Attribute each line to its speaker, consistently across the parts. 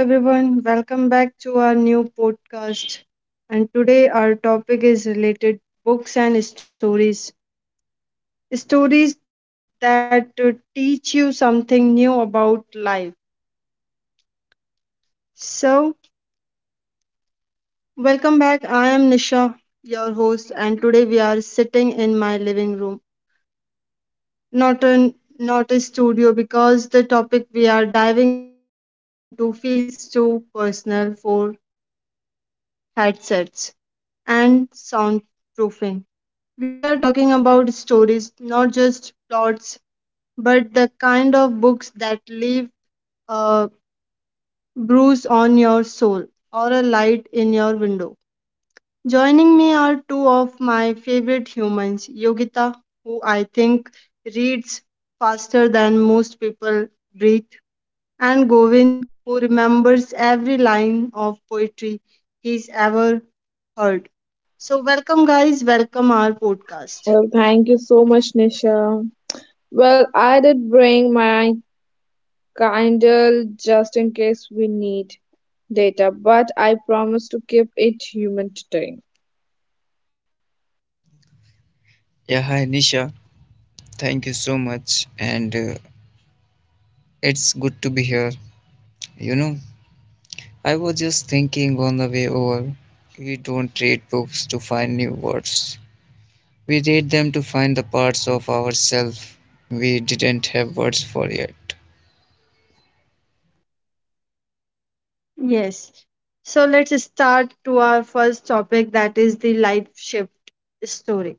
Speaker 1: So, hello everyone, welcome back to our new podcast. And today, our topic is related books and stories. Stories that teach you something new about life. So, welcome back. I am Nisha, your host, and today we are sitting in my living room, not a not a studio because the topic we are diving into feels too personal for headsets and soundproofing. We are talking about stories, not just plots, but the kind of books that leave a bruise on your soul or a light in your window. Joining me are two of my favorite humans, Yogita, who I think reads faster than most people breathe, and Govind, who remembers every line of poetry he's ever heard. So, welcome, guys. Welcome our podcast.
Speaker 2: Well, thank you so much, Nisha. Well, I did bring my Kindle just in case we need data, but I promise to keep it human today.
Speaker 3: Yeah, hi Nisha. Thank you so much. And it's good to be here. You know, I was just thinking on the way over. We don't read books to find new words, we read them to find the parts of ourselves we didn't have words for yet.
Speaker 1: Yes. So, let's start to our first topic, that is the life shift story.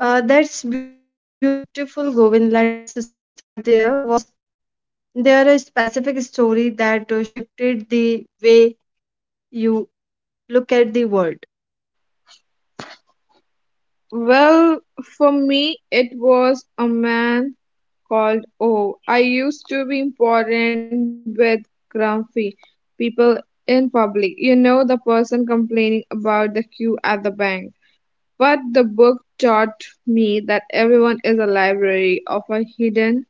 Speaker 1: That's beautiful, Govind. Let's start there. Was there a specific story that shifted the way you look at the world?
Speaker 2: Well, for me, it was a man called O. I used to be important with grumpy people in public. You know, the person complaining about the queue at the bank. But the book taught me that everyone is a library of a hidden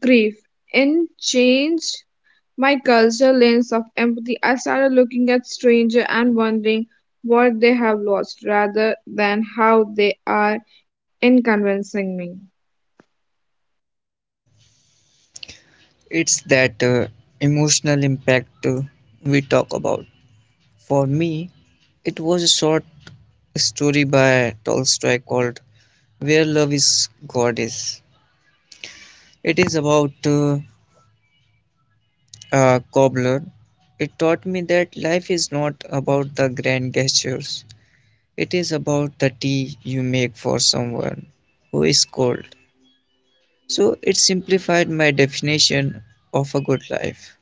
Speaker 2: grief and changed my cultural lens of empathy. I started looking at strangers and wondering what they have lost rather than how they are in convincing me.
Speaker 3: It's that emotional impact we talk about. For me, it was a short story by Tolstoy called Where Love is Goddess. It is about uh, cobbler, it taught me that life is not about the grand gestures. It is about the tea you make for someone who is cold. So it simplified my definition of a good life.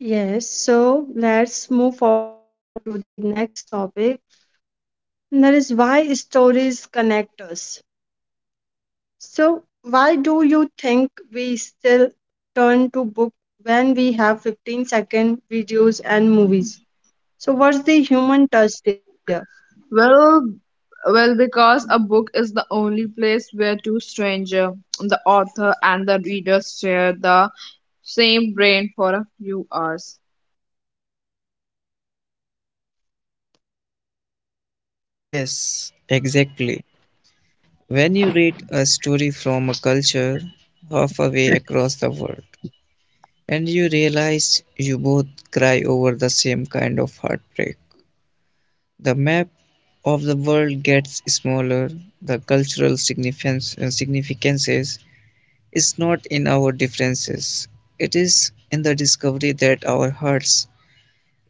Speaker 1: Yes, so let's move forward to the next topic, and that is why stories connect us. So, why do you think we still turn to book when we have 15-second videos and movies? So, what's the human touch there?
Speaker 2: Well, well, because a book is the only place where two strangers, the author and the reader, share the same brain for a few hours.
Speaker 3: Yes, exactly. When you read a story from a culture halfway across the world and you realize you both cry over the same kind of heartbreak, the map of the world gets smaller, the significances is not in our differences, it is in the discovery that our hearts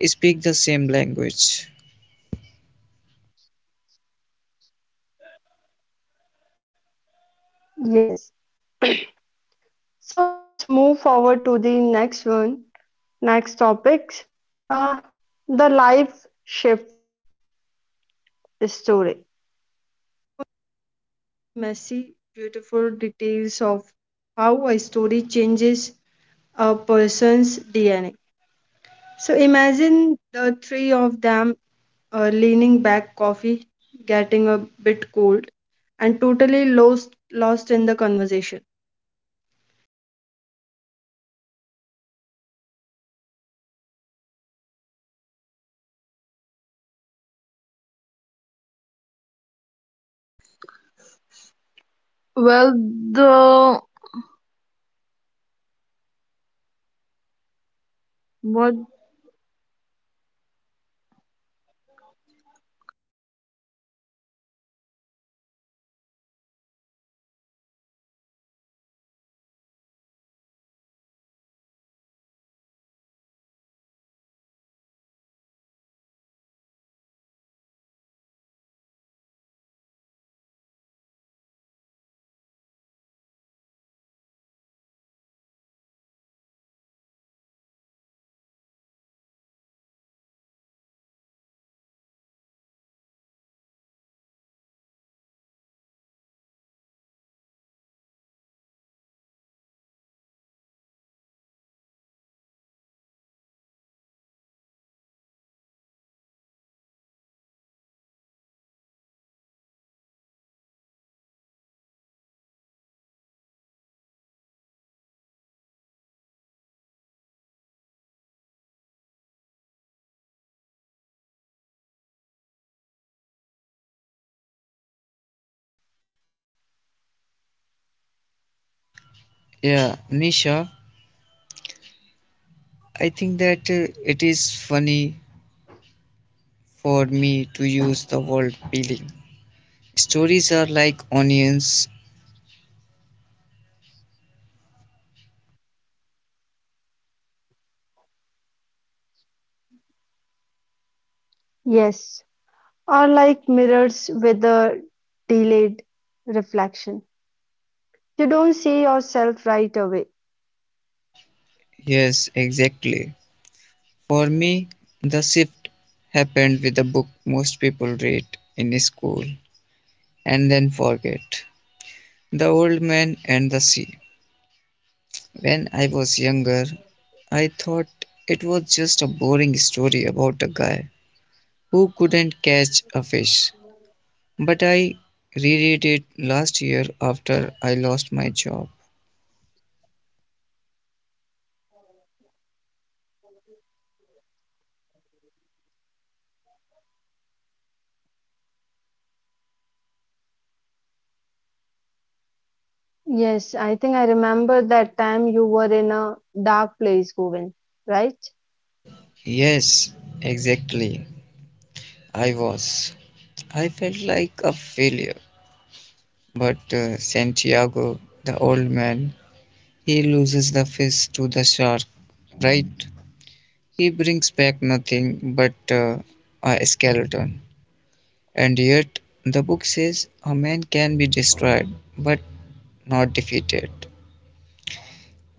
Speaker 3: speak the same language.
Speaker 1: Yes. So let's move forward to the next one. Next topics. Uh, the life shift story.
Speaker 2: Well, the what
Speaker 3: Yeah, Nisha, I think that it is funny for me to use the word peeling. Stories are like onions.
Speaker 1: Yes, are like mirrors with a delayed reflection. You don't see yourself right away.
Speaker 3: Yes, exactly. For me, the shift happened with the book most people read in school and then forget: The Old Man and the Sea. When I was younger, I thought it was just a boring story about a guy who couldn't catch a fish. But I reread it last year after I lost my job.
Speaker 1: Yes, I think I remember that time you were in a dark place, Govind, right?
Speaker 3: Yes, exactly. I was. I felt like a failure. But Santiago, the old man, he loses the fish to the shark, right? He brings back nothing but a skeleton. And yet, the book says a man can be destroyed but not defeated.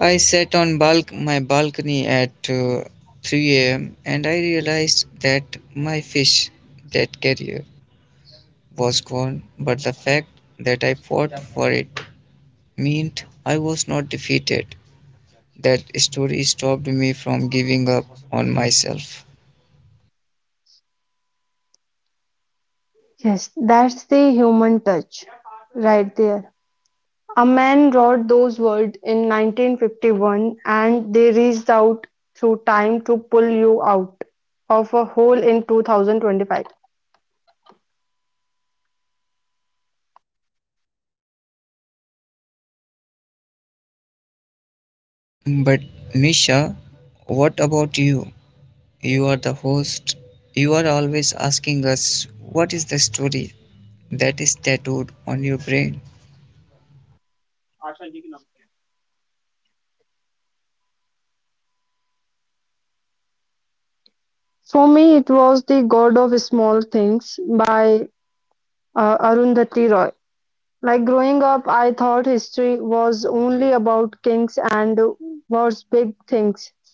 Speaker 3: I sat on my balcony at 3 a.m. and I realized that my fish, that career, was gone, but the fact that I fought for it meant I was not defeated. That story stopped me from giving up on myself.
Speaker 1: Yes, that's the human touch right there. A man wrote those words in 1951 and they reached out through time to pull you out of a hole in 2025.
Speaker 3: But Misha, what about you? You are the host. You are always asking us what is the story that is tattooed on your brain.
Speaker 1: For me, it was The God of Small Things by Arundhati Roy. Like growing up, I thought history was only about kings and wars, big things.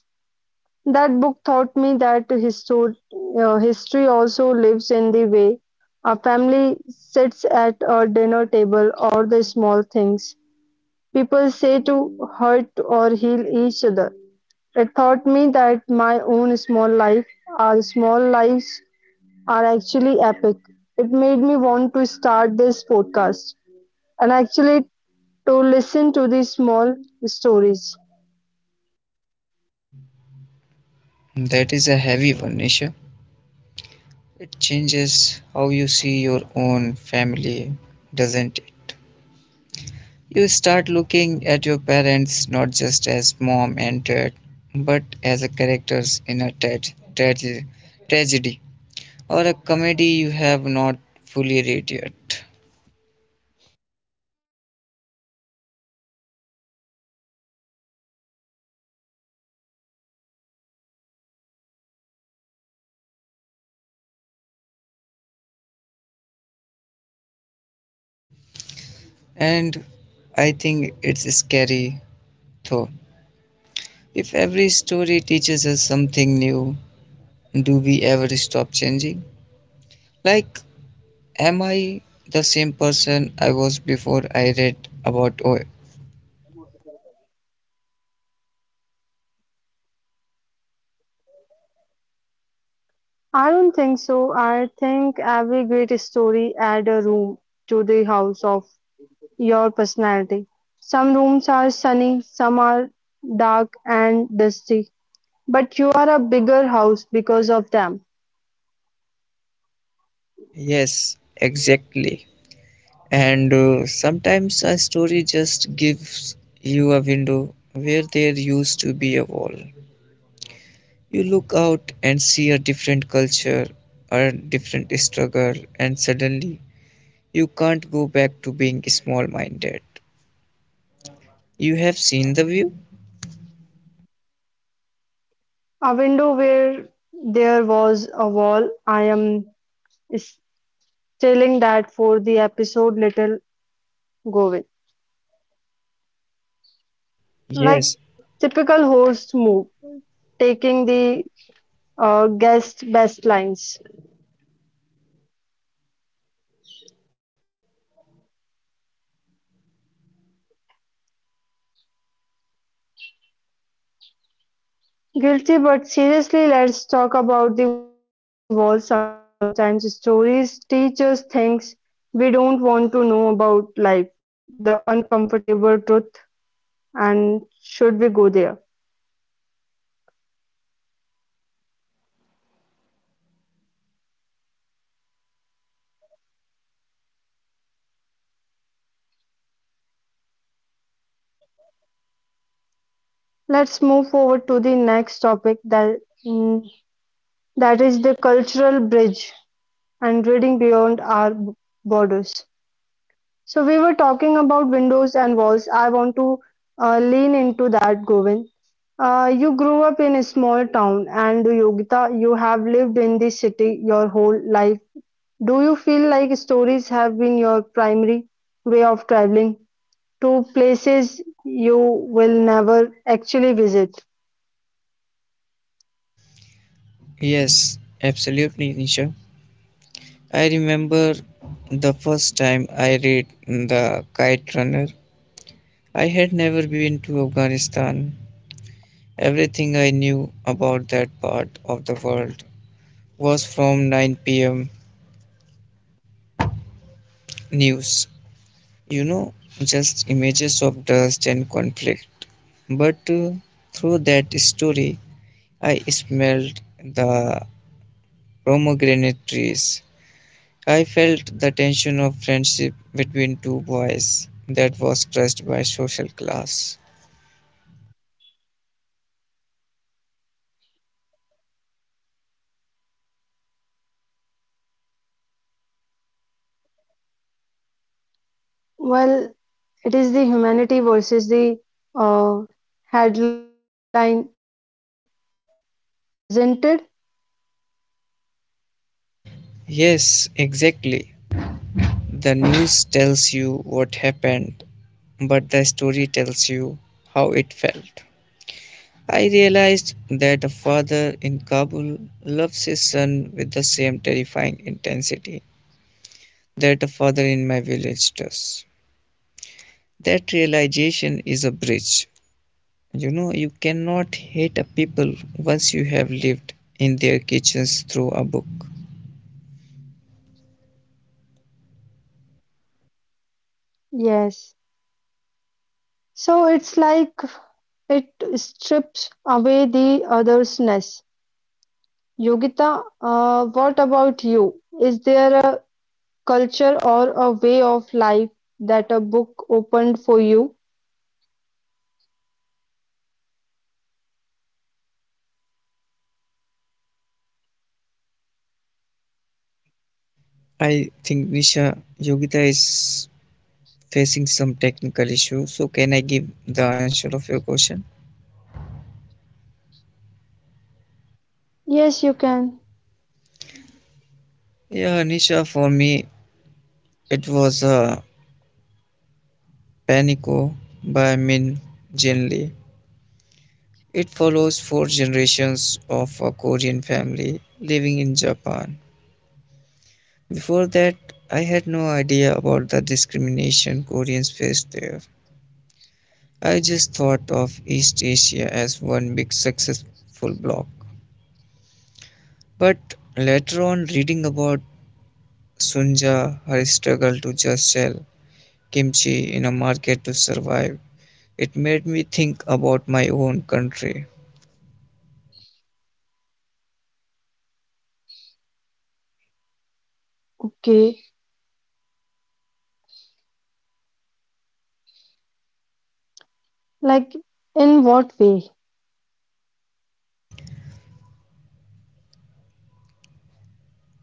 Speaker 1: That book taught me that history lives in the way a family sits at a dinner table or the small things people say to hurt or heal each other. It taught me that my own small life, our small lives, are actually epic. It made me want to start this podcast and actually to listen to these small stories.
Speaker 3: That is a heavy one, Nisha. It changes how you see your own family, doesn't it? You start looking at your parents not just as mom and dad, but as a characters in a tragedy, tragedy or a comedy you have not fully read yet. And I think it's scary, though. If every story teaches us something new, do we ever stop changing? Like, am I the same person I was before I read about oil?
Speaker 1: I don't think so. I think every great story adds a room to the house of your personality. Some rooms are sunny, some are dark and dusty, but you are a bigger house because of them.
Speaker 3: Yes, exactly. And sometimes a story just gives you a window where there used to be a wall. You look out and see a different culture, a different struggle, and suddenly you can't go back to being small minded. You have seen the view?
Speaker 1: A window where there was a wall. I am telling that for the episode little go with. Like
Speaker 3: Yes,
Speaker 1: typical host move, taking the guest best lines. Guilty, but seriously, let's talk about the wall. Sometimes stories teach us things we don't want to know about life, the uncomfortable truth, and should we go there? Let's move forward to the next topic that, mm, that is the cultural bridge and reading beyond our borders. So we were talking about windows and walls. I want to lean into that, Govind. You grew up in a small town, and Yogita, you have lived in this city your whole life. You feel like stories have been your primary way of traveling to places you will never actually visit?
Speaker 3: yes, absolutely, Nisha. I remember the first time I read The Kite Runner. I had never been to Afghanistan. Everything I knew about that part of the world was from 9 p.m. news. You know, just images of dust and conflict. But Through that story, I smelled the pomegranate trees. I felt the tension of friendship between two boys that was crushed by social class.
Speaker 1: Well, it is the humanity versus the uh, headline, isn't it?
Speaker 3: Yes, exactly. The news tells you what happened, but the story tells you how it felt. I realized that a father in Kabul loves his son with the same terrifying intensity that a father in my village does. That realization is a bridge. You know, you cannot hate a people once you have lived in their kitchens through a book.
Speaker 1: Yes. So it's like it strips away the otherness. Yogita, what about you? Is there a culture or a way of life that a book opened for you?
Speaker 3: I think Nisha Yogita is facing some technical issue, so can I give the answer of your question?
Speaker 1: Yes, you can.
Speaker 3: Yeah, Nisha, for me, it was a Panico by Min Jin Lee. It follows 4 generations of a Korean family living in Japan. Before that, I had no idea about the discrimination Koreans faced there. I just thought of East Asia as one big successful block. But later on, reading about Sunja, her struggle to just sell kimchi in a market to survive, it made me think about my own country.
Speaker 1: Okay. Like, in what way?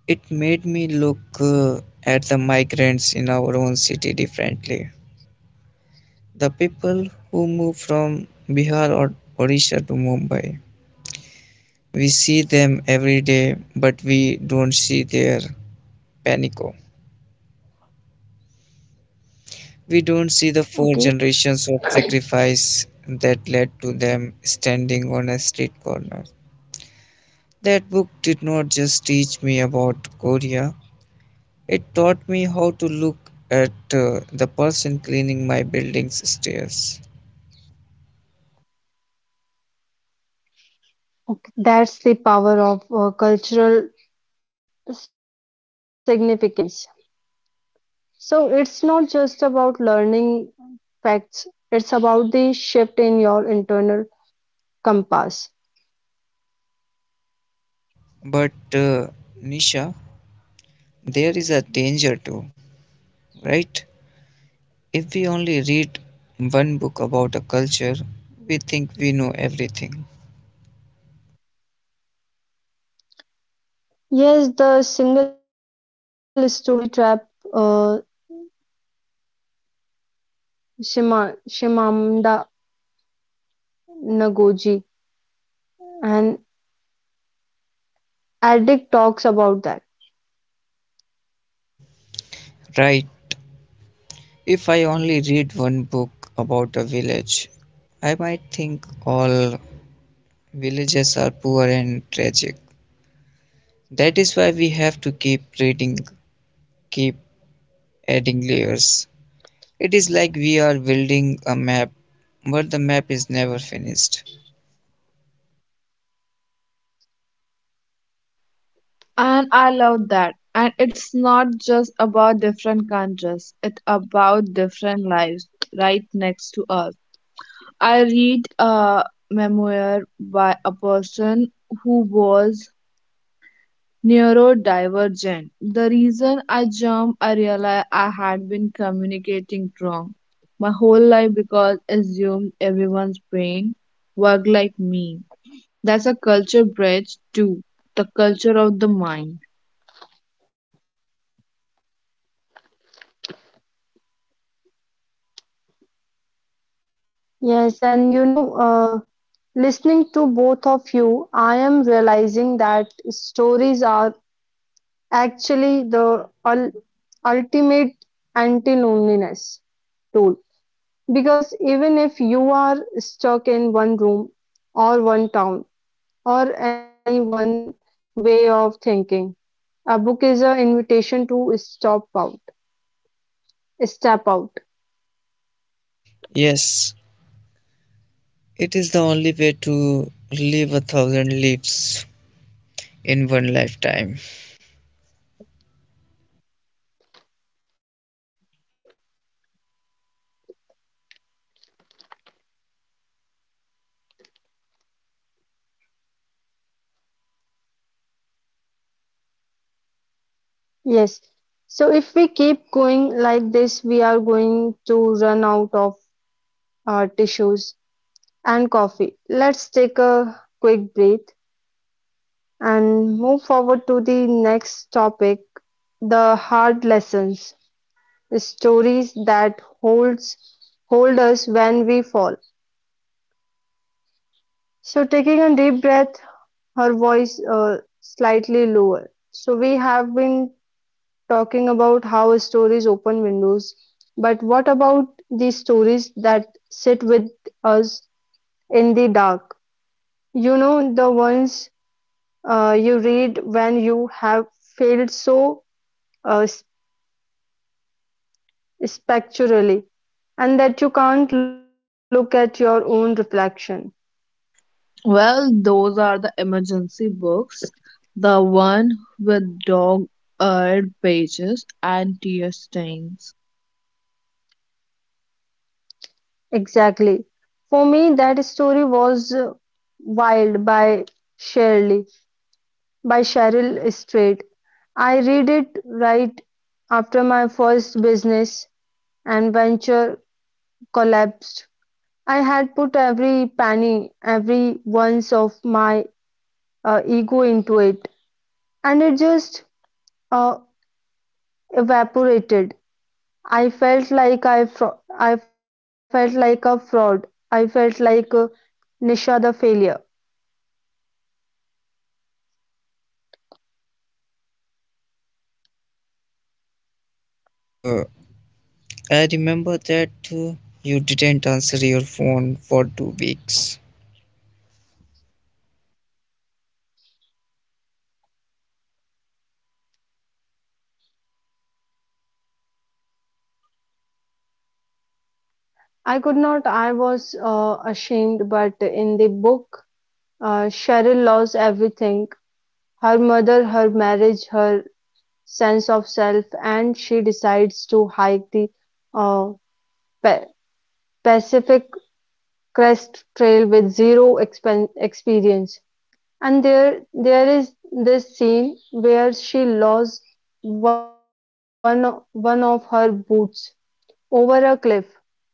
Speaker 3: It made me look at the migrants in our own city differently. The people who move from Bihar or Odisha to Mumbai, we see them every day, but we don't see their panico. We don't see the
Speaker 1: Okay.
Speaker 3: 4 generations of sacrifice that led to them standing on a street corner. That book did not just teach me about Korea, it taught me how to look at the person cleaning my building's stairs.
Speaker 1: That's the power of cultural significance. So, it's not just about learning facts, it's about the shift in your internal compass.
Speaker 3: But Nisha, there is a danger too, right? If we only read one book about a culture, we think we know everything,
Speaker 1: Yes, the single story trap, uh, Shimamanda Nagoji, and addict talks about that.
Speaker 3: right? If I only read one book about a village, I might think all villages are poor and tragic. That is why we have to keep reading, keep adding layers. It is like we are building a map, but the map is never finished.
Speaker 2: And I love that. And it's not just about different countries, it's about different lives right next to us. I read a memoir by a person who was neurodivergent. The reason I jumped, I realized I had been communicating wrong my whole life because assumed everyone's brain worked like me. That's a culture bridge too, the culture of the mind.
Speaker 1: Yes, and you know, listening to both of you, I am realizing that stories are actually the ul ultimate anti-loneliness tool. Because even if you are stuck in one room or one town or any one way of thinking, a book is an invitation to step out.
Speaker 3: Yes, it is the only way to live a thousand lives in one lifetime.
Speaker 1: Yes. So if we keep going like this, we are going to run out of tissues and coffee. Let's take a quick breath and move forward to the next topic, the hard lessons, the stories that hold us when we fall. So a deep breath, her voice slightly lower. So we have been talking about how stories open windows, but what about the stories that sit with us in the dark? You know, the ones you read when you have failed so uh, spectacularly and that you can't look at your own reflection.
Speaker 2: Well, those are the emergency books, the one with dog-eared pages and tear stains.
Speaker 1: Exactly. For me, that story was Wild by Shirley. By Cheryl Strait. I read it right after my first business and venture collapsed. I had put every penny, every ounce of my ego into it, and it just uh, evaporated. I felt like a fraud. I felt like Nisha the failure.
Speaker 3: And I remember that you didn't answer your phone for 2 weeks.
Speaker 1: I could not. I was ashamed, but in the book, Cheryl lost everything: her mother, her marriage, her sense of self, and she decides to hike the uh, Pa- Pacific Crest Trail with zero expen experience. And there is this scene where she lost one of her boots over a cliff,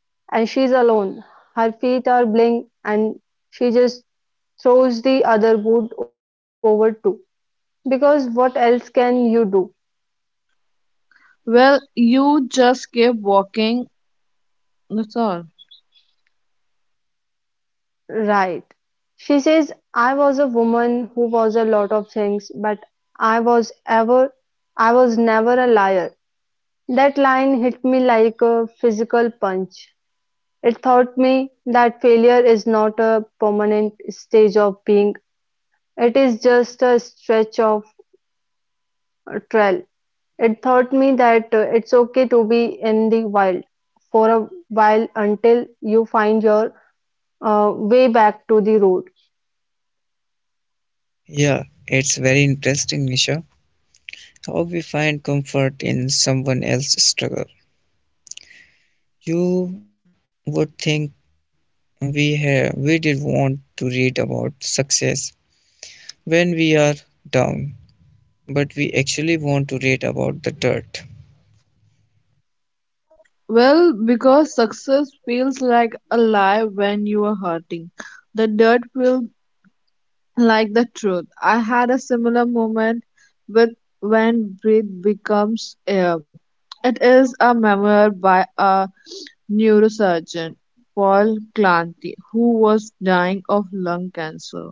Speaker 1: and she's alone. Her feet are bling, and she just throws the other boot over too. Because what else can you do?
Speaker 2: Well, you just keep walking, that's all.
Speaker 1: Right. She says, I was a woman who was a lot of things, but I was ever, I was never a liar. That line hit me like a physical punch. It taught me that failure is not a permanent stage of being, it is just a stretch of trail. It taught me that it's okay to be in the wild for a while until you find your way back to the road.
Speaker 3: Yeah, it's very interesting, Nisha, how we find comfort in someone else's struggle. You would think we did want to read about success when we are down, but we actually want to read about the dirt.
Speaker 2: Well, because success feels like a lie when you are hurting. The dirt feels like the truth. I had a similar moment with when breath becomes air. It is a memoir by a neurosurgeon Paul Klanty, who was dying of lung cancer.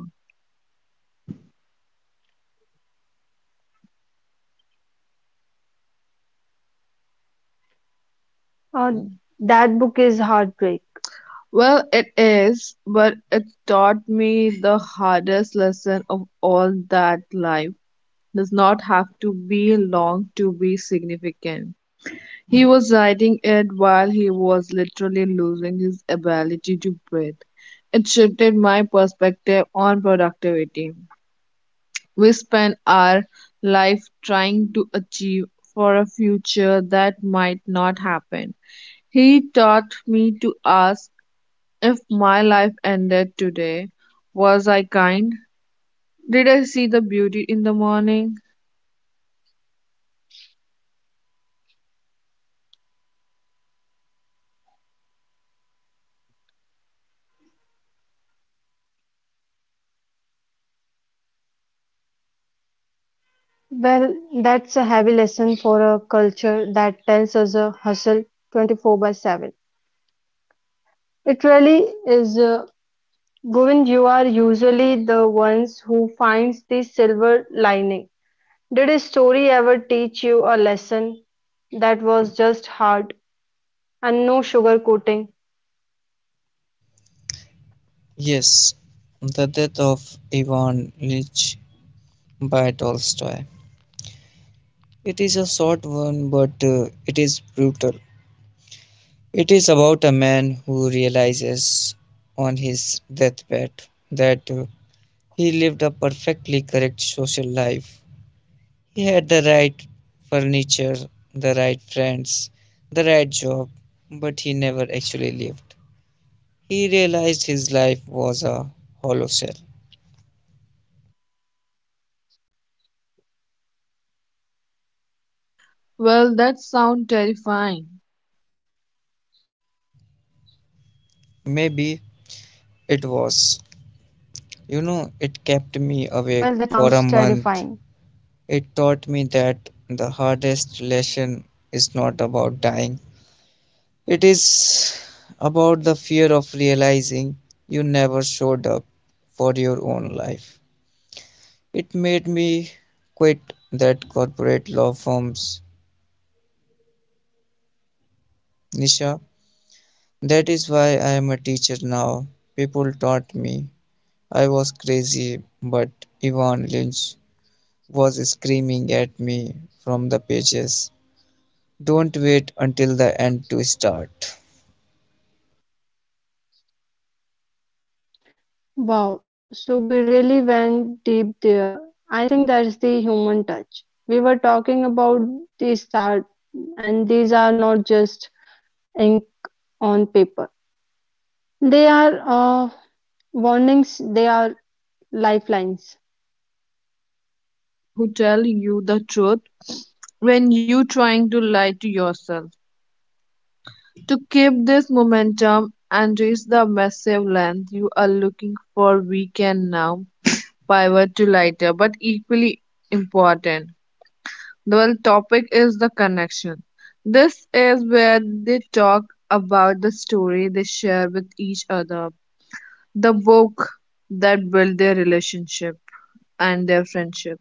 Speaker 1: Uh, that book is heartbreak.
Speaker 2: Well, it is, but it taught me the hardest lesson of all that life does not have to be long to be significant. He was writing it while he was literally losing his ability to breathe. It shifted my perspective on productivity. We spend our life trying to achieve for a future that might not happen. He taught me to ask if my life ended today. Was I kind? Did I see the beauty in the morning?
Speaker 1: Well, that's a heavy lesson for a culture that tells us a hustle 24 by 7. It really is. Govind, you are usually the ones who finds the silver lining. Did a story ever teach you a lesson that was just hard and no sugarcoating?
Speaker 3: Yes, the death of Ivan Lich by Tolstoy. It is a short one, but it is brutal. It is about a man who realizes on his deathbed that he lived a perfectly correct social life. He had the right furniture, the right friends, the right job, but he never actually lived. He realized his life was a hollow shell.
Speaker 2: Well, that sounds terrifying.
Speaker 3: Maybe it was. You know, it kept me awake
Speaker 1: Well,
Speaker 3: for a
Speaker 1: that sounds
Speaker 3: month.
Speaker 1: terrifying.
Speaker 3: It taught me that the hardest lesson is not about dying, it is about the fear of realizing you never showed up for your own life. It made me quit that corporate law firms, Nisha. That is why I am a teacher now. People taught me I was crazy, but Ivan Lynch was screaming at me from the pages. Don't wait until the end to start.
Speaker 1: Wow, so we really went deep there. I think that's the human touch. We were talking about the start, and these are not just ink on paper. They are warnings. They are lifelines.
Speaker 2: Well, they are the friend who tell you the truth when you trying to lie to yourself. To keep this momentum and reach the massive length you are looking for, we can now pivot to lighter but equally important. The well, topic is the connection. This is where they talk about the story they share with each other, the book that built their relationship and their friendship.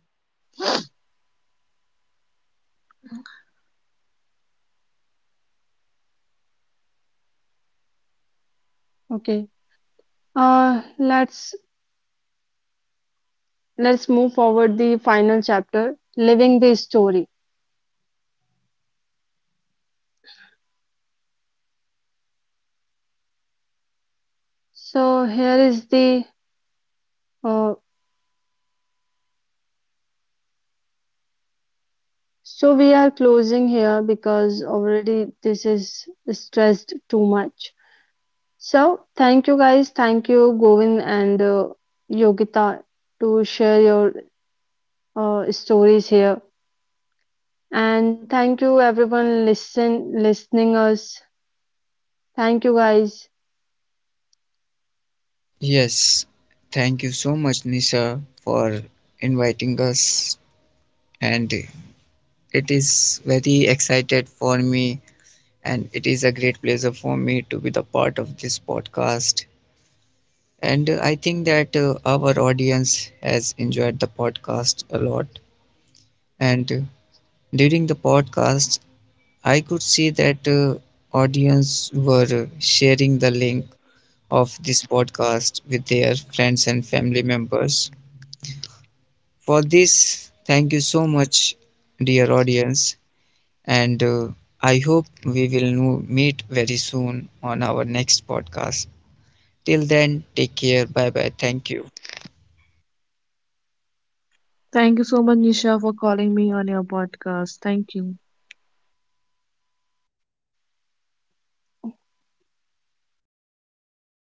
Speaker 1: Okay. Uh, let's let's move forward the final chapter, living the story. So here is the uh, so we are closing here because already this is stressed too much. So, thank you guys. Thank you, Govin and Yogita, to share your stories here. And thank you, everyone, listening us. Thank you, guys.
Speaker 3: Yes, thank you so much, Nisha, for inviting us, and it is very excited for me and it is a great pleasure for me to be the part of this podcast. And I think that our audience has enjoyed the podcast a lot. And During the podcast, I could see that audience were sharing the link of this podcast with their friends and family members. For this, thank you so much, dear audience, and I hope we will meet very soon on our next podcast. Till then, take care, bye bye, thank you.
Speaker 2: Thank you so much, Nisha, for calling me on your podcast. Thank you.